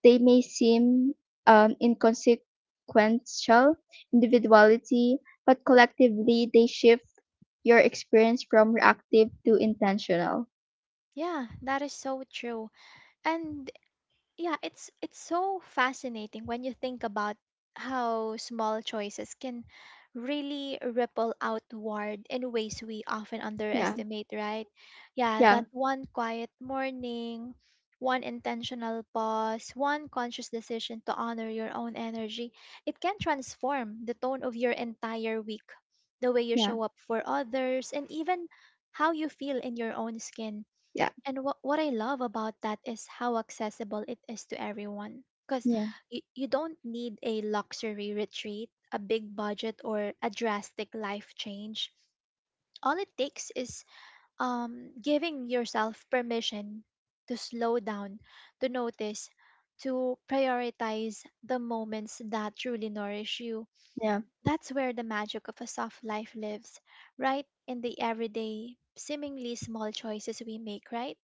S2: They may seem, inconsequential, individuality, but collectively they shift your experience from reactive to intentional.
S1: Yeah, that is so true. And yeah, it's so fascinating when you think about how small choices can really ripple outward in ways we often
S2: Yeah,
S1: underestimate, right? Yeah,
S2: yeah,
S1: that one quiet morning, one intentional pause, one conscious decision to honor your own energy, it can transform the tone of your entire week, the way you
S2: yeah,
S1: show up for others, and even how you feel in your own skin.
S2: yeah,
S1: And what I love about that is how accessible it is to everyone. Because
S2: yeah,
S1: you don't need a luxury retreat, a big budget, or a drastic life change. All it takes is giving yourself permission to slow down, to notice, to prioritize the moments that truly nourish you.
S2: yeah.
S1: That's where the magic of a soft life lives, right? In the everyday, seemingly small choices we make, right?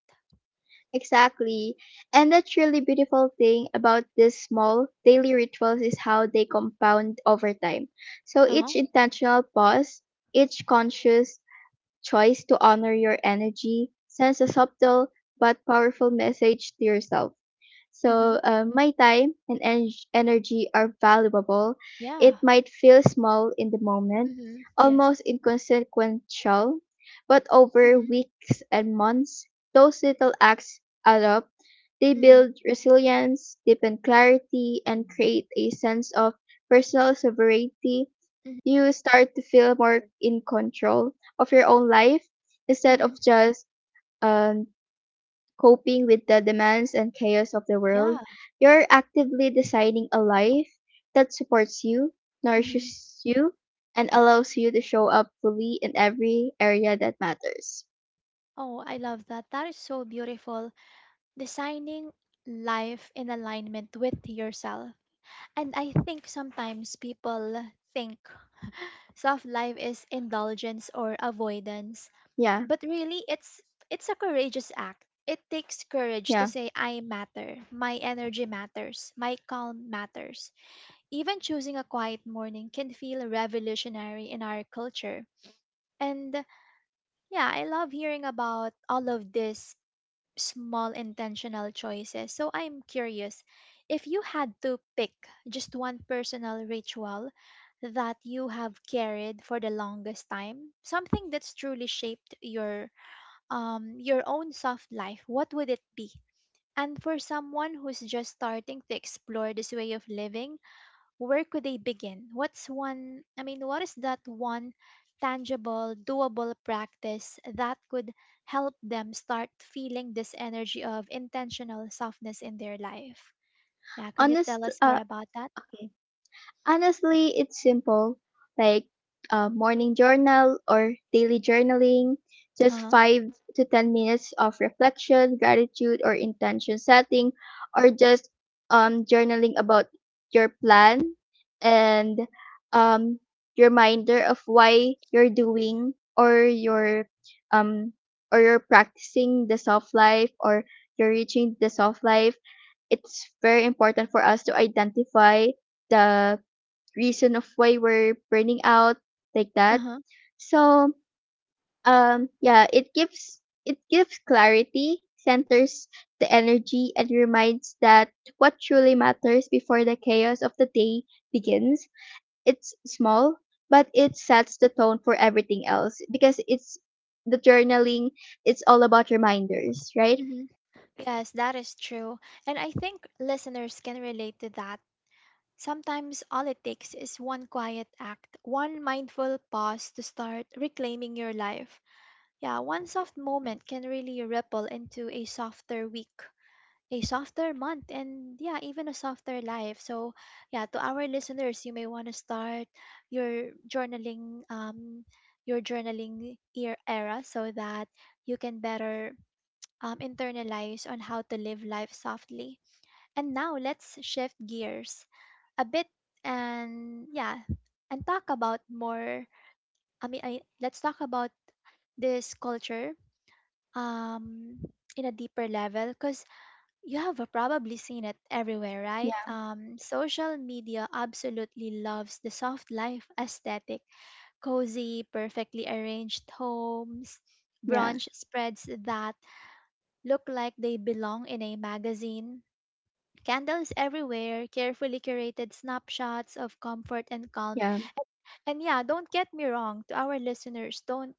S2: Exactly. And that's really beautiful thing about these small daily rituals is how they compound over time. So
S1: Uh
S2: each intentional pause, each conscious choice to honor your energy sends a subtle but powerful message to yourself.
S1: huh.
S2: So, my time and energy are valuable.
S1: Yeah.
S2: It might feel small in the moment,
S1: Mhm. Yes.
S2: almost inconsequential, but over
S1: Mhm.
S2: weeks and months, those little acts add up. They
S1: Mhm.
S2: build resilience, deepen clarity, and create a sense of personal sovereignty.
S1: Mhm.
S2: You start to feel more in control of your own life instead of
S1: Mhm.
S2: just, um, coping with the demands and chaos of the
S1: Yeah.
S2: world. You're actively designing a life that supports you,
S1: Mhm.
S2: nourishes you, and allows you to show up fully in every area that matters.
S1: Oh, I love that. That is so beautiful. Designing life in alignment with yourself. And I think sometimes people think soft life is indulgence or avoidance,
S2: Yeah,
S1: but really it's a courageous act. It takes courage to
S2: yeah.
S1: say I matter, my energy matters, my calm matters. Even choosing a quiet morning can feel revolutionary in our culture. And yeah, I love hearing about all of these small intentional choices. So I'm curious, if you had to pick just one personal ritual that you have carried for the longest time, something that's truly shaped your own soft life, what would it be? And for someone who's just starting to explore this way of living, where could they begin? What's one, I mean, what is that one tangible, doable practice that could help them start feeling this energy of intentional softness in their life? Yeah, can you tell
S2: Honest,
S1: us more
S2: uh,
S1: about that?
S2: okay. Honestly, it's simple, like a morning journal or daily journaling,
S1: Uh
S2: just
S1: huh.
S2: 5 to 10 minutes of reflection, gratitude, or intention setting, or just, journaling about your plan, and, um, reminder of why you're doing, or you're, um, or you're practicing the soft life, or you're reaching the soft life. It's very important for us to identify the reason of why we're burning out like
S1: Uh
S2: that.
S1: huh.
S2: So, yeah, it gives clarity, centers the energy, and reminds that what truly matters before the chaos of the day begins. It's small, but it sets the tone for everything else because it's the journaling, it's all about reminders, right?
S1: Hmm. Yes, that is true. And I think listeners can relate to that. Sometimes all it takes is one quiet act, one mindful pause to start reclaiming your life. Yeah, one soft moment can really ripple into a softer week, a softer month, and yeah, even a softer life. So, yeah, to our listeners, you may want to start your journaling, um, your journaling year era, so that you can better internalize on how to live life softly. And now let's shift gears a bit, and yeah, and talk about more. I mean, let's talk about this culture um in a deeper level because you have probably seen it everywhere, right?
S2: Yeah,
S1: Social media absolutely loves the soft life aesthetic, cozy perfectly arranged homes,
S2: yeah,
S1: brunch spreads that look like they belong in a magazine, candles everywhere, carefully curated snapshots of comfort and calm.
S2: yeah,
S1: And yeah, don't get me wrong, to our listeners, don't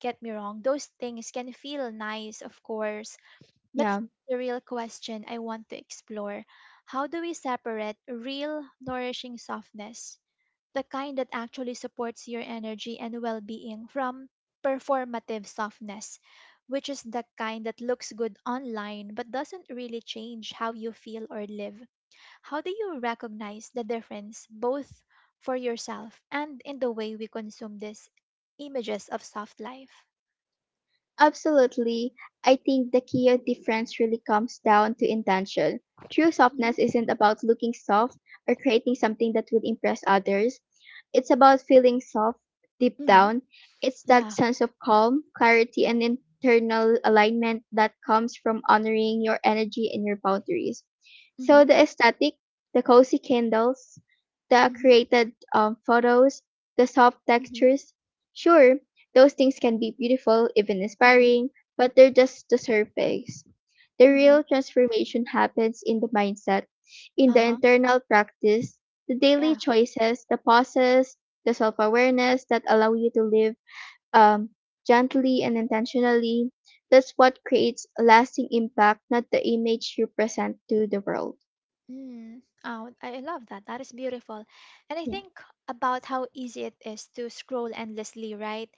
S1: get me wrong, those things can feel nice, of course. But
S2: yeah.
S1: here's the real question I want to explore. How do we separate real, nourishing softness, the kind that actually supports your energy and well being, from performative softness, which is the kind that looks good online but doesn't really change how you feel or live? How do you recognize the difference, both for yourself and in the way we consume these images of soft life?
S2: Absolutely. I think the key difference really comes down to intention. True softness isn't about looking soft or creating something that would impress others. It's about feeling soft deep
S1: Mm-hmm.
S2: down. It's that
S1: Yeah.
S2: sense of calm, clarity, and internal alignment that comes from honoring your energy and your boundaries. So
S1: Mm-hmm.
S2: the aesthetic, the cozy candles, the
S1: Mm-hmm.
S2: created, photos, the soft textures, sure, those things can be beautiful, even
S1: Mm-hmm.
S2: inspiring, but they're just the surface. The real
S1: Mhm.
S2: transformation happens in the mindset, in the
S1: Uh-huh.
S2: internal practice, the daily
S1: Yeah.
S2: choices, the pauses, the self awareness that allow you to live, um, gently and intentionally. That's what creates a lasting impact, not the image you present to the world.
S1: Mm. Oh, I love that. That is beautiful. And I
S2: Yeah,
S1: think about how easy it is to scroll endlessly, right?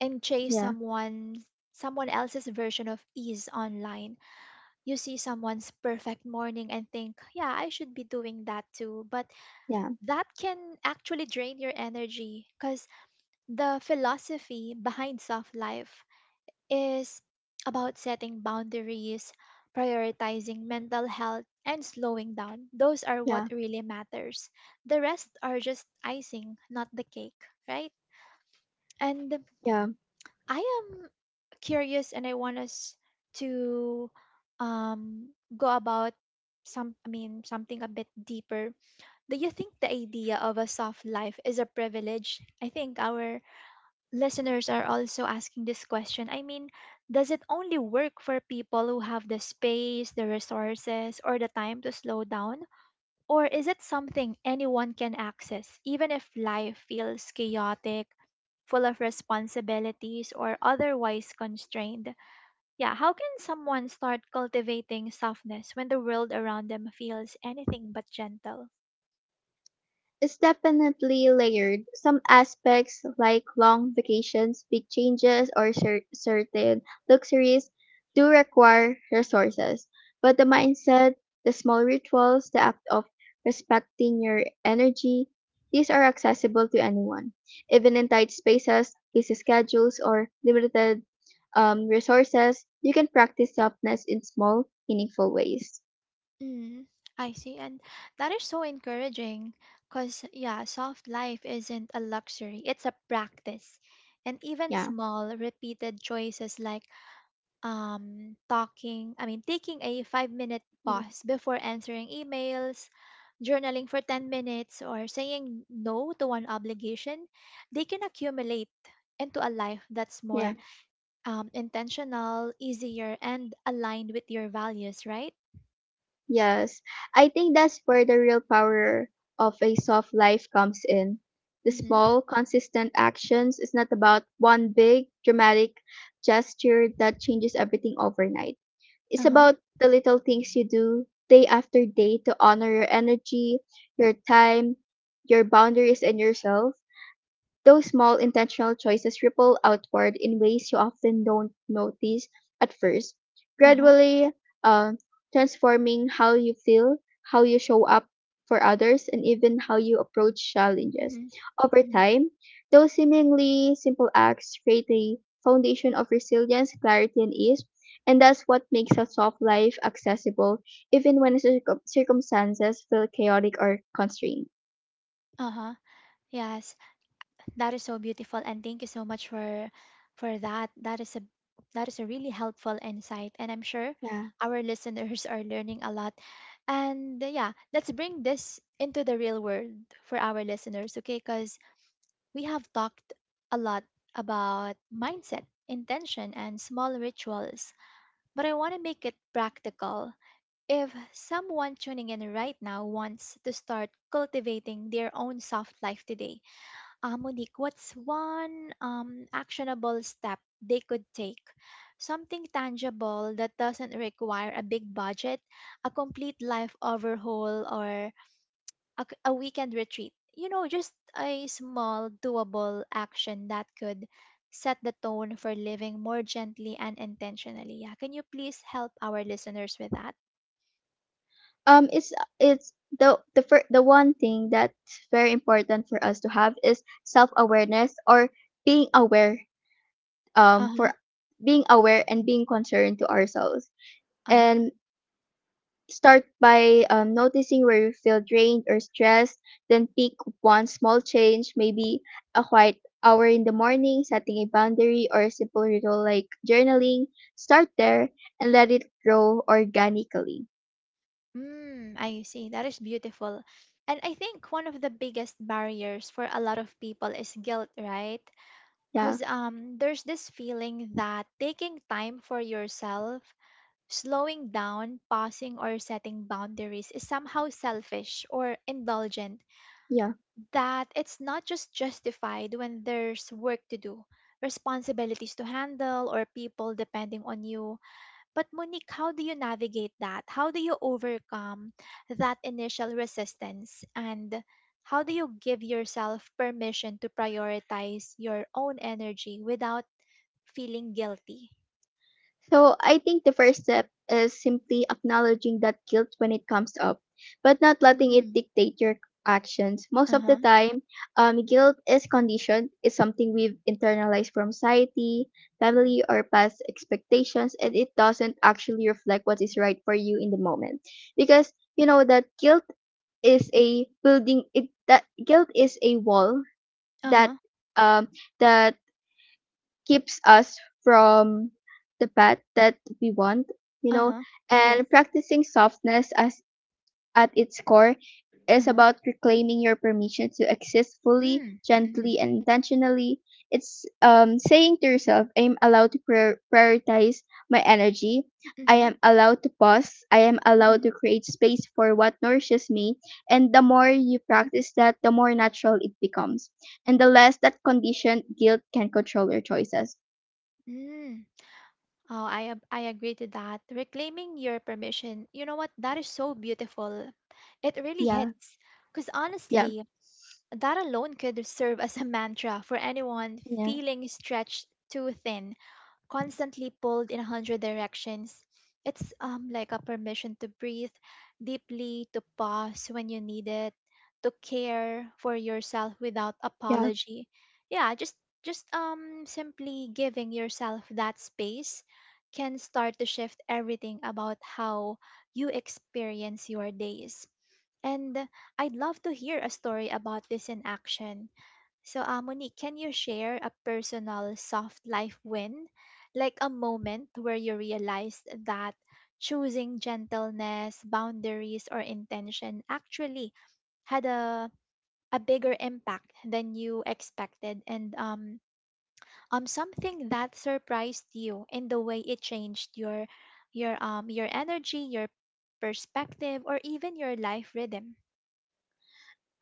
S1: And chase
S2: yeah,
S1: someone else's version of ease online. You see someone's perfect morning and think, "Yeah, I should be doing that too." But
S2: yeah,
S1: that can actually drain your energy because the philosophy behind soft life is about setting boundaries, prioritizing mental health, and slowing down. Those are
S2: yeah,
S1: what really matters. The rest are just icing, not the cake, right? And
S2: yeah.
S1: I am curious, and I want us to um, go about some I mean something a bit deeper. Do you think the idea of a soft life is a privilege? I think our listeners are also asking this question. I mean, does it only work for people who have the space, the resources, or the time to slow down? Or is it something anyone can access, even if life feels chaotic, full of responsibilities, or otherwise constrained? Yeah, how can someone start cultivating softness when the world around them feels anything but gentle?
S2: It's definitely layered. Some aspects, like long vacations, big changes, or certain luxuries, do require resources. But the mindset, the small rituals, the act of respecting your energy, these are accessible to anyone. Even in tight spaces, busy schedules, or limited, resources, you can practice softness in small, meaningful ways.
S1: Mm, I see. And that is so encouraging because, yeah, soft life isn't a luxury, it's a practice. And even
S2: Yeah.
S1: small, repeated choices like I mean, taking a 5-minute
S2: Mm.
S1: pause before answering emails, journaling for 10 minutes, or saying no to one obligation, they can accumulate into a life that's
S2: Yeah.
S1: more intentional, easier, and aligned with your values, right?
S2: Yes, I think that's where the real power of a soft life comes in. The
S1: Mm-hmm.
S2: small, consistent actions is not about one big, dramatic gesture that changes everything overnight.
S1: Uh
S2: It's
S1: huh.
S2: about the little things you do day after day to honor your energy, your time, your boundaries, and yourself. Those small intentional choices ripple outward in ways you often don't notice at first,
S1: Uh huh.
S2: gradually, uh, transforming how you feel, how you show up for others, and even how you approach challenges.
S1: Mhm.
S2: Over
S1: Mhm.
S2: time, those seemingly simple acts create a foundation of resilience, clarity, and ease, and that's what makes a soft life accessible, even when circumstances feel chaotic or constrained.
S1: Uh-huh. Yes, that is so beautiful, and thank you so much for that. That is a really helpful insight, and I'm sure
S2: Yeah.
S1: our listeners are learning a lot. And yeah, let's bring this into the real world for our listeners, okay? Because we have talked a lot about mindset, intention, and small rituals, but I want to make it practical. If someone tuning in right now wants to start cultivating their own soft life today, Monique, what's one actionable step they could take? Something tangible that doesn't require a big budget, a complete life overhaul, or a weekend retreat. You know, just a small, doable action that could set the tone for living more gently and intentionally. Yeah, can you please help our listeners with that?
S2: Um, it's it's the one thing that's very important for us to have is self awareness, or being aware,
S1: Uh huh.
S2: for being aware and being concerned to ourselves,
S1: Uh huh.
S2: and start by, noticing where you feel drained or stressed. Then pick one small change, maybe a quiet hour in the morning, setting a boundary, or a simple ritual like journaling. Start there, and let it grow organically.
S1: Mm, I see. That is beautiful. And I think one of the biggest barriers for a lot of people is guilt, right?
S2: Yeah,
S1: Because there's this feeling that taking time for yourself, slowing down, pausing, or setting boundaries is somehow selfish or indulgent,
S2: yeah.
S1: that it's not just justified when there's work to do, responsibilities to handle, or people depending on you. But Monique, how do you navigate that? How do you overcome that initial resistance? And how do you give yourself permission to prioritize your own energy without feeling guilty?
S2: So I think the first step is simply acknowledging that guilt when it comes up, but not letting it
S1: Mm.
S2: dictate your actions. Most of the
S1: Uh-huh.
S2: time, guilt is conditioned, it's something we've internalized from society, family, or past expectations, and it doesn't actually reflect what is right for you in the moment. Because you know that guilt is a wall that
S1: Uh-huh.
S2: um that keeps us from the path that we want, you know.
S1: Uh-huh. Yes.
S2: And practicing softness as at its core is
S1: Uh-huh.
S2: about reclaiming your permission to exist fully,
S1: Mm. Mm-hmm.
S2: gently, and intentionally. It's, saying to yourself, I am allowed to prioritize my energy. I
S1: Mm-hmm.
S2: am allowed to pause. I am allowed
S1: Mm-hmm.
S2: to create space for what nourishes me. And the more you practice that, the more natural it becomes, and the less that conditioned guilt can control your choices.
S1: Mm. Oh, I agree to that. Reclaiming your permission. You know what? That is so beautiful. It really
S2: Yeah,
S1: hits. Because
S2: yeah,
S1: honestly, that alone could serve as a mantra for anyone
S2: yeah,
S1: feeling stretched too thin, constantly pulled in a hundred directions. It's like a permission to breathe deeply, to pause when you need it, to care for yourself without
S2: yeah.
S1: apology. Yeah, just simply giving yourself that space can start to shift everything about how you experience your days. And I'd love to hear a story about this in action. So, Monique, can you share a personal soft life win? Like a moment where you realized that choosing gentleness, boundaries, or intention actually had a bigger impact than you expected, and something that surprised you in the way it changed your energy, your perspective, or even your life rhythm.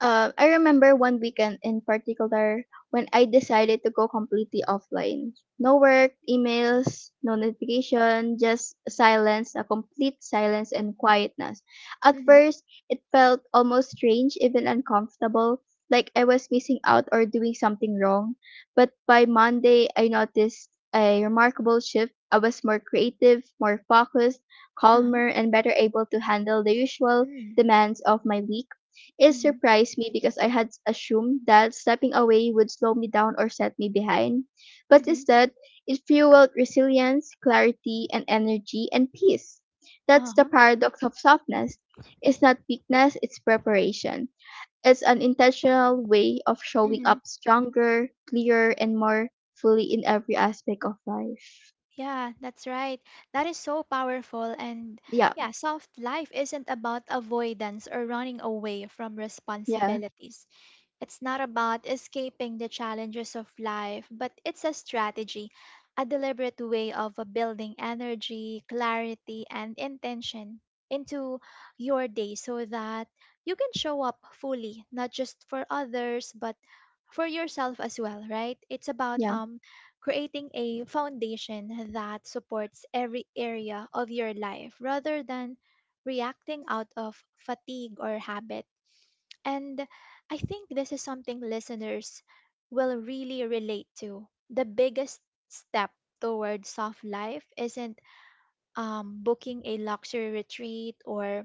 S2: I remember one weekend in particular when I decided to go completely offline. No work, emails, no notification, just silence, a complete silence and quietness. At
S1: Mm-hmm.
S2: first, it felt almost strange, even uncomfortable, like I was missing out or doing something wrong. But by Monday, I noticed a remarkable shift. I was more creative, more focused,
S1: Uh-huh.
S2: calmer, and better able to handle the usual
S1: Mm,
S2: demands of my week. It
S1: mhm,
S2: surprised me because I had assumed that stepping away would slow me down or set me behind. But
S1: mhm,
S2: instead, it fueled resilience, clarity, and energy and peace. That's the
S1: uh-huh,
S2: paradox of softness. It's not weakness, it's preparation. It's an intentional way of showing
S1: mhm.
S2: up stronger, clearer, and more fully in every aspect of life.
S1: Yeah, that's right. That is so powerful. And
S2: Yeah,
S1: yeah, soft life isn't about avoidance or running away from
S2: yeah,
S1: responsibilities. It's not about escaping the challenges of life, but it's a strategy, a deliberate way of building energy, clarity, and intention into your day so that you can show up fully, not just for others, but for yourself as well, right? It's about
S2: yeah,
S1: creating a foundation that supports every area of your life rather than reacting out of fatigue or habit. And I think this is something listeners will really relate to. The biggest step toward soft life isn't booking a luxury retreat or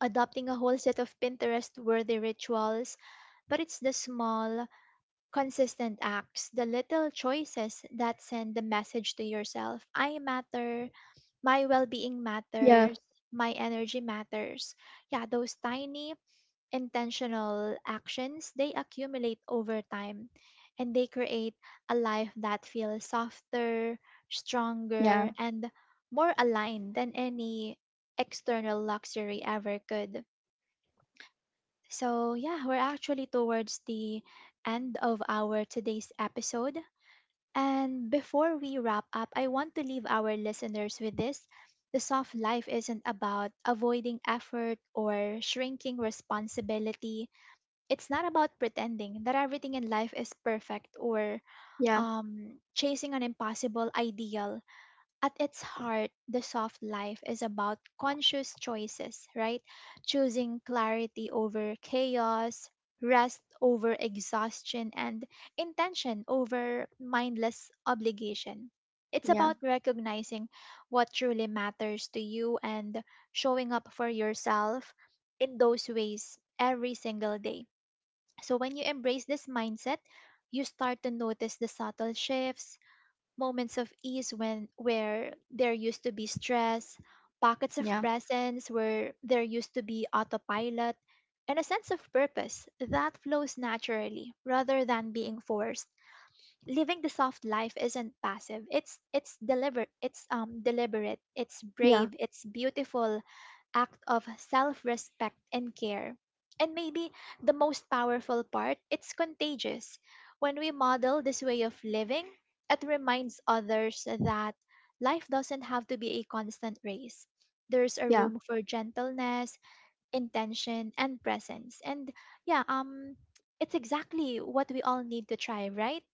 S1: adopting a whole set of Pinterest worthy rituals, but it's the small, consistent acts, the little choices that send the message to yourself I matter, my well being
S2: yeah,
S1: matters, my energy matters. Yeah, those tiny intentional actions, they accumulate over time, and they create a life that feels softer,
S2: yeah,
S1: stronger, and more aligned than any external luxury ever could. So, yeah, we're actually towards the end of our today's episode. And before we wrap up, I want to leave our listeners with this. The soft life isn't about avoiding effort or shrinking responsibility. It's not about pretending that everything in life is perfect or
S2: yeah,
S1: chasing an impossible ideal. At its heart, the soft life is about conscious choices, right? Choosing clarity over chaos, rest over exhaustion, and intention over mindless obligation. It's
S2: yeah,
S1: about recognizing what truly matters to you and showing up for yourself in those ways every single day. So, when you embrace this mindset, you start to notice the subtle shifts, moments of ease when where there used to be stress, pockets of
S2: yeah,
S1: presence where there used to be autopilot, and a sense of purpose that flows naturally rather than being forced. Living the soft life isn't passive. It's deliberate. It's deliberate. It's
S2: yeah,
S1: brave. It's beautiful act of self respect and care. And maybe the most powerful part, it's contagious. When we model this way of living, it reminds others that life doesn't have to be a constant race. There's a
S2: yeah.
S1: room for gentleness, intention, and presence. And yeah, it's exactly what we all need to try, right?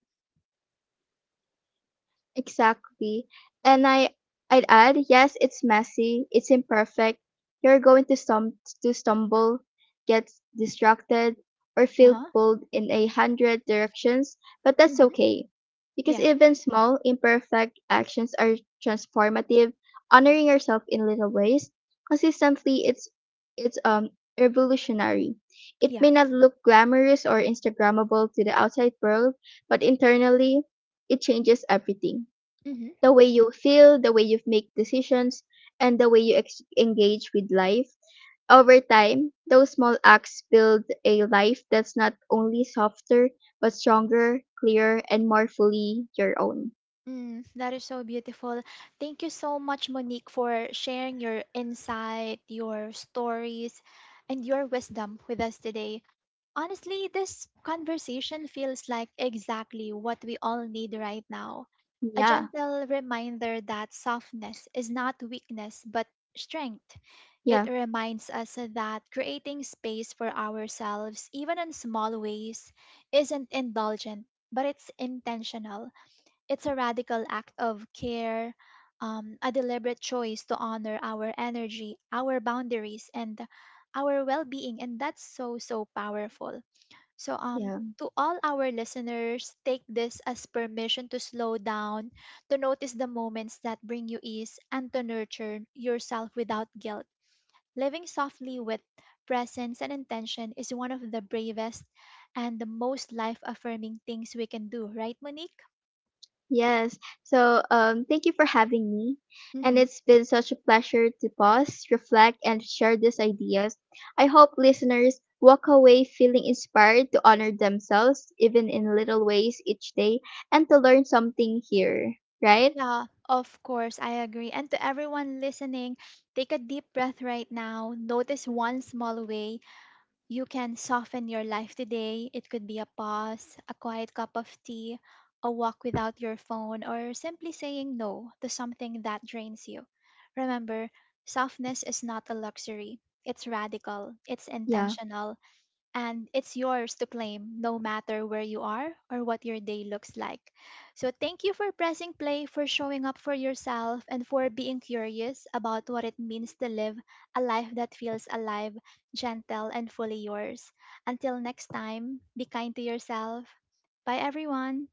S2: Exactly. And I'd add, yes, it's messy, it's imperfect. You're going to stumble, get distracted, or
S1: Uh
S2: feel
S1: huh.
S2: pulled in a hundred directions, but that's
S1: Mm-hmm.
S2: okay. Because
S1: Yeah.
S2: even small, imperfect actions are transformative, honoring yourself in little ways. Consistently, it's revolutionary. It
S1: Yeah.
S2: may not look glamorous or Instagrammable to the outside world, but internally it changes everything,
S1: Mm-hmm.
S2: the way you feel, the way you make decisions, and the way you engage with life. Over time, those small acts build a life that's not only softer, but stronger, clearer, and more fully your own.
S1: Mm, that is so beautiful. Thank you so much, Monique, for sharing your insight, your stories, and your wisdom with us today. Honestly, this conversation feels like exactly what we all need right now. A
S2: Yeah,
S1: gentle reminder that softness is not weakness, but strength. It
S2: yeah,
S1: reminds us that creating space for ourselves, even in small ways, isn't indulgent, but it's intentional. It's a radical act of care, a deliberate choice to honor our energy, our boundaries, and our well being. And that's so, so powerful. So,
S2: yeah.
S1: to all our listeners, take this as permission to slow down, to notice the moments that bring you ease, and to nurture yourself without guilt. Living softly with presence and intention is one of the bravest and the most life affirming things we can do, right, Monique?
S2: Yes. So, thank you for having me. And it's been such a pleasure to pause, reflect, and share these ideas. I hope listeners walk away feeling inspired to honor themselves, even in little ways each day, and to learn something here, right?
S1: Yeah, of course, I agree. And to everyone listening, take a deep breath right now. Notice one small way you can soften your life today. It could be a pause, a quiet cup of tea, a walk without your phone, or simply saying no to something that drains you. Remember, softness is not a luxury, it's radical, it's
S2: Yeah.
S1: intentional, and it's yours to claim no matter where you are or what your day looks like. So, thank you for pressing play, for showing up for yourself, and for being curious about what it means to live a life that feels alive, gentle, and fully yours. Until next time, be kind to yourself. Bye, everyone.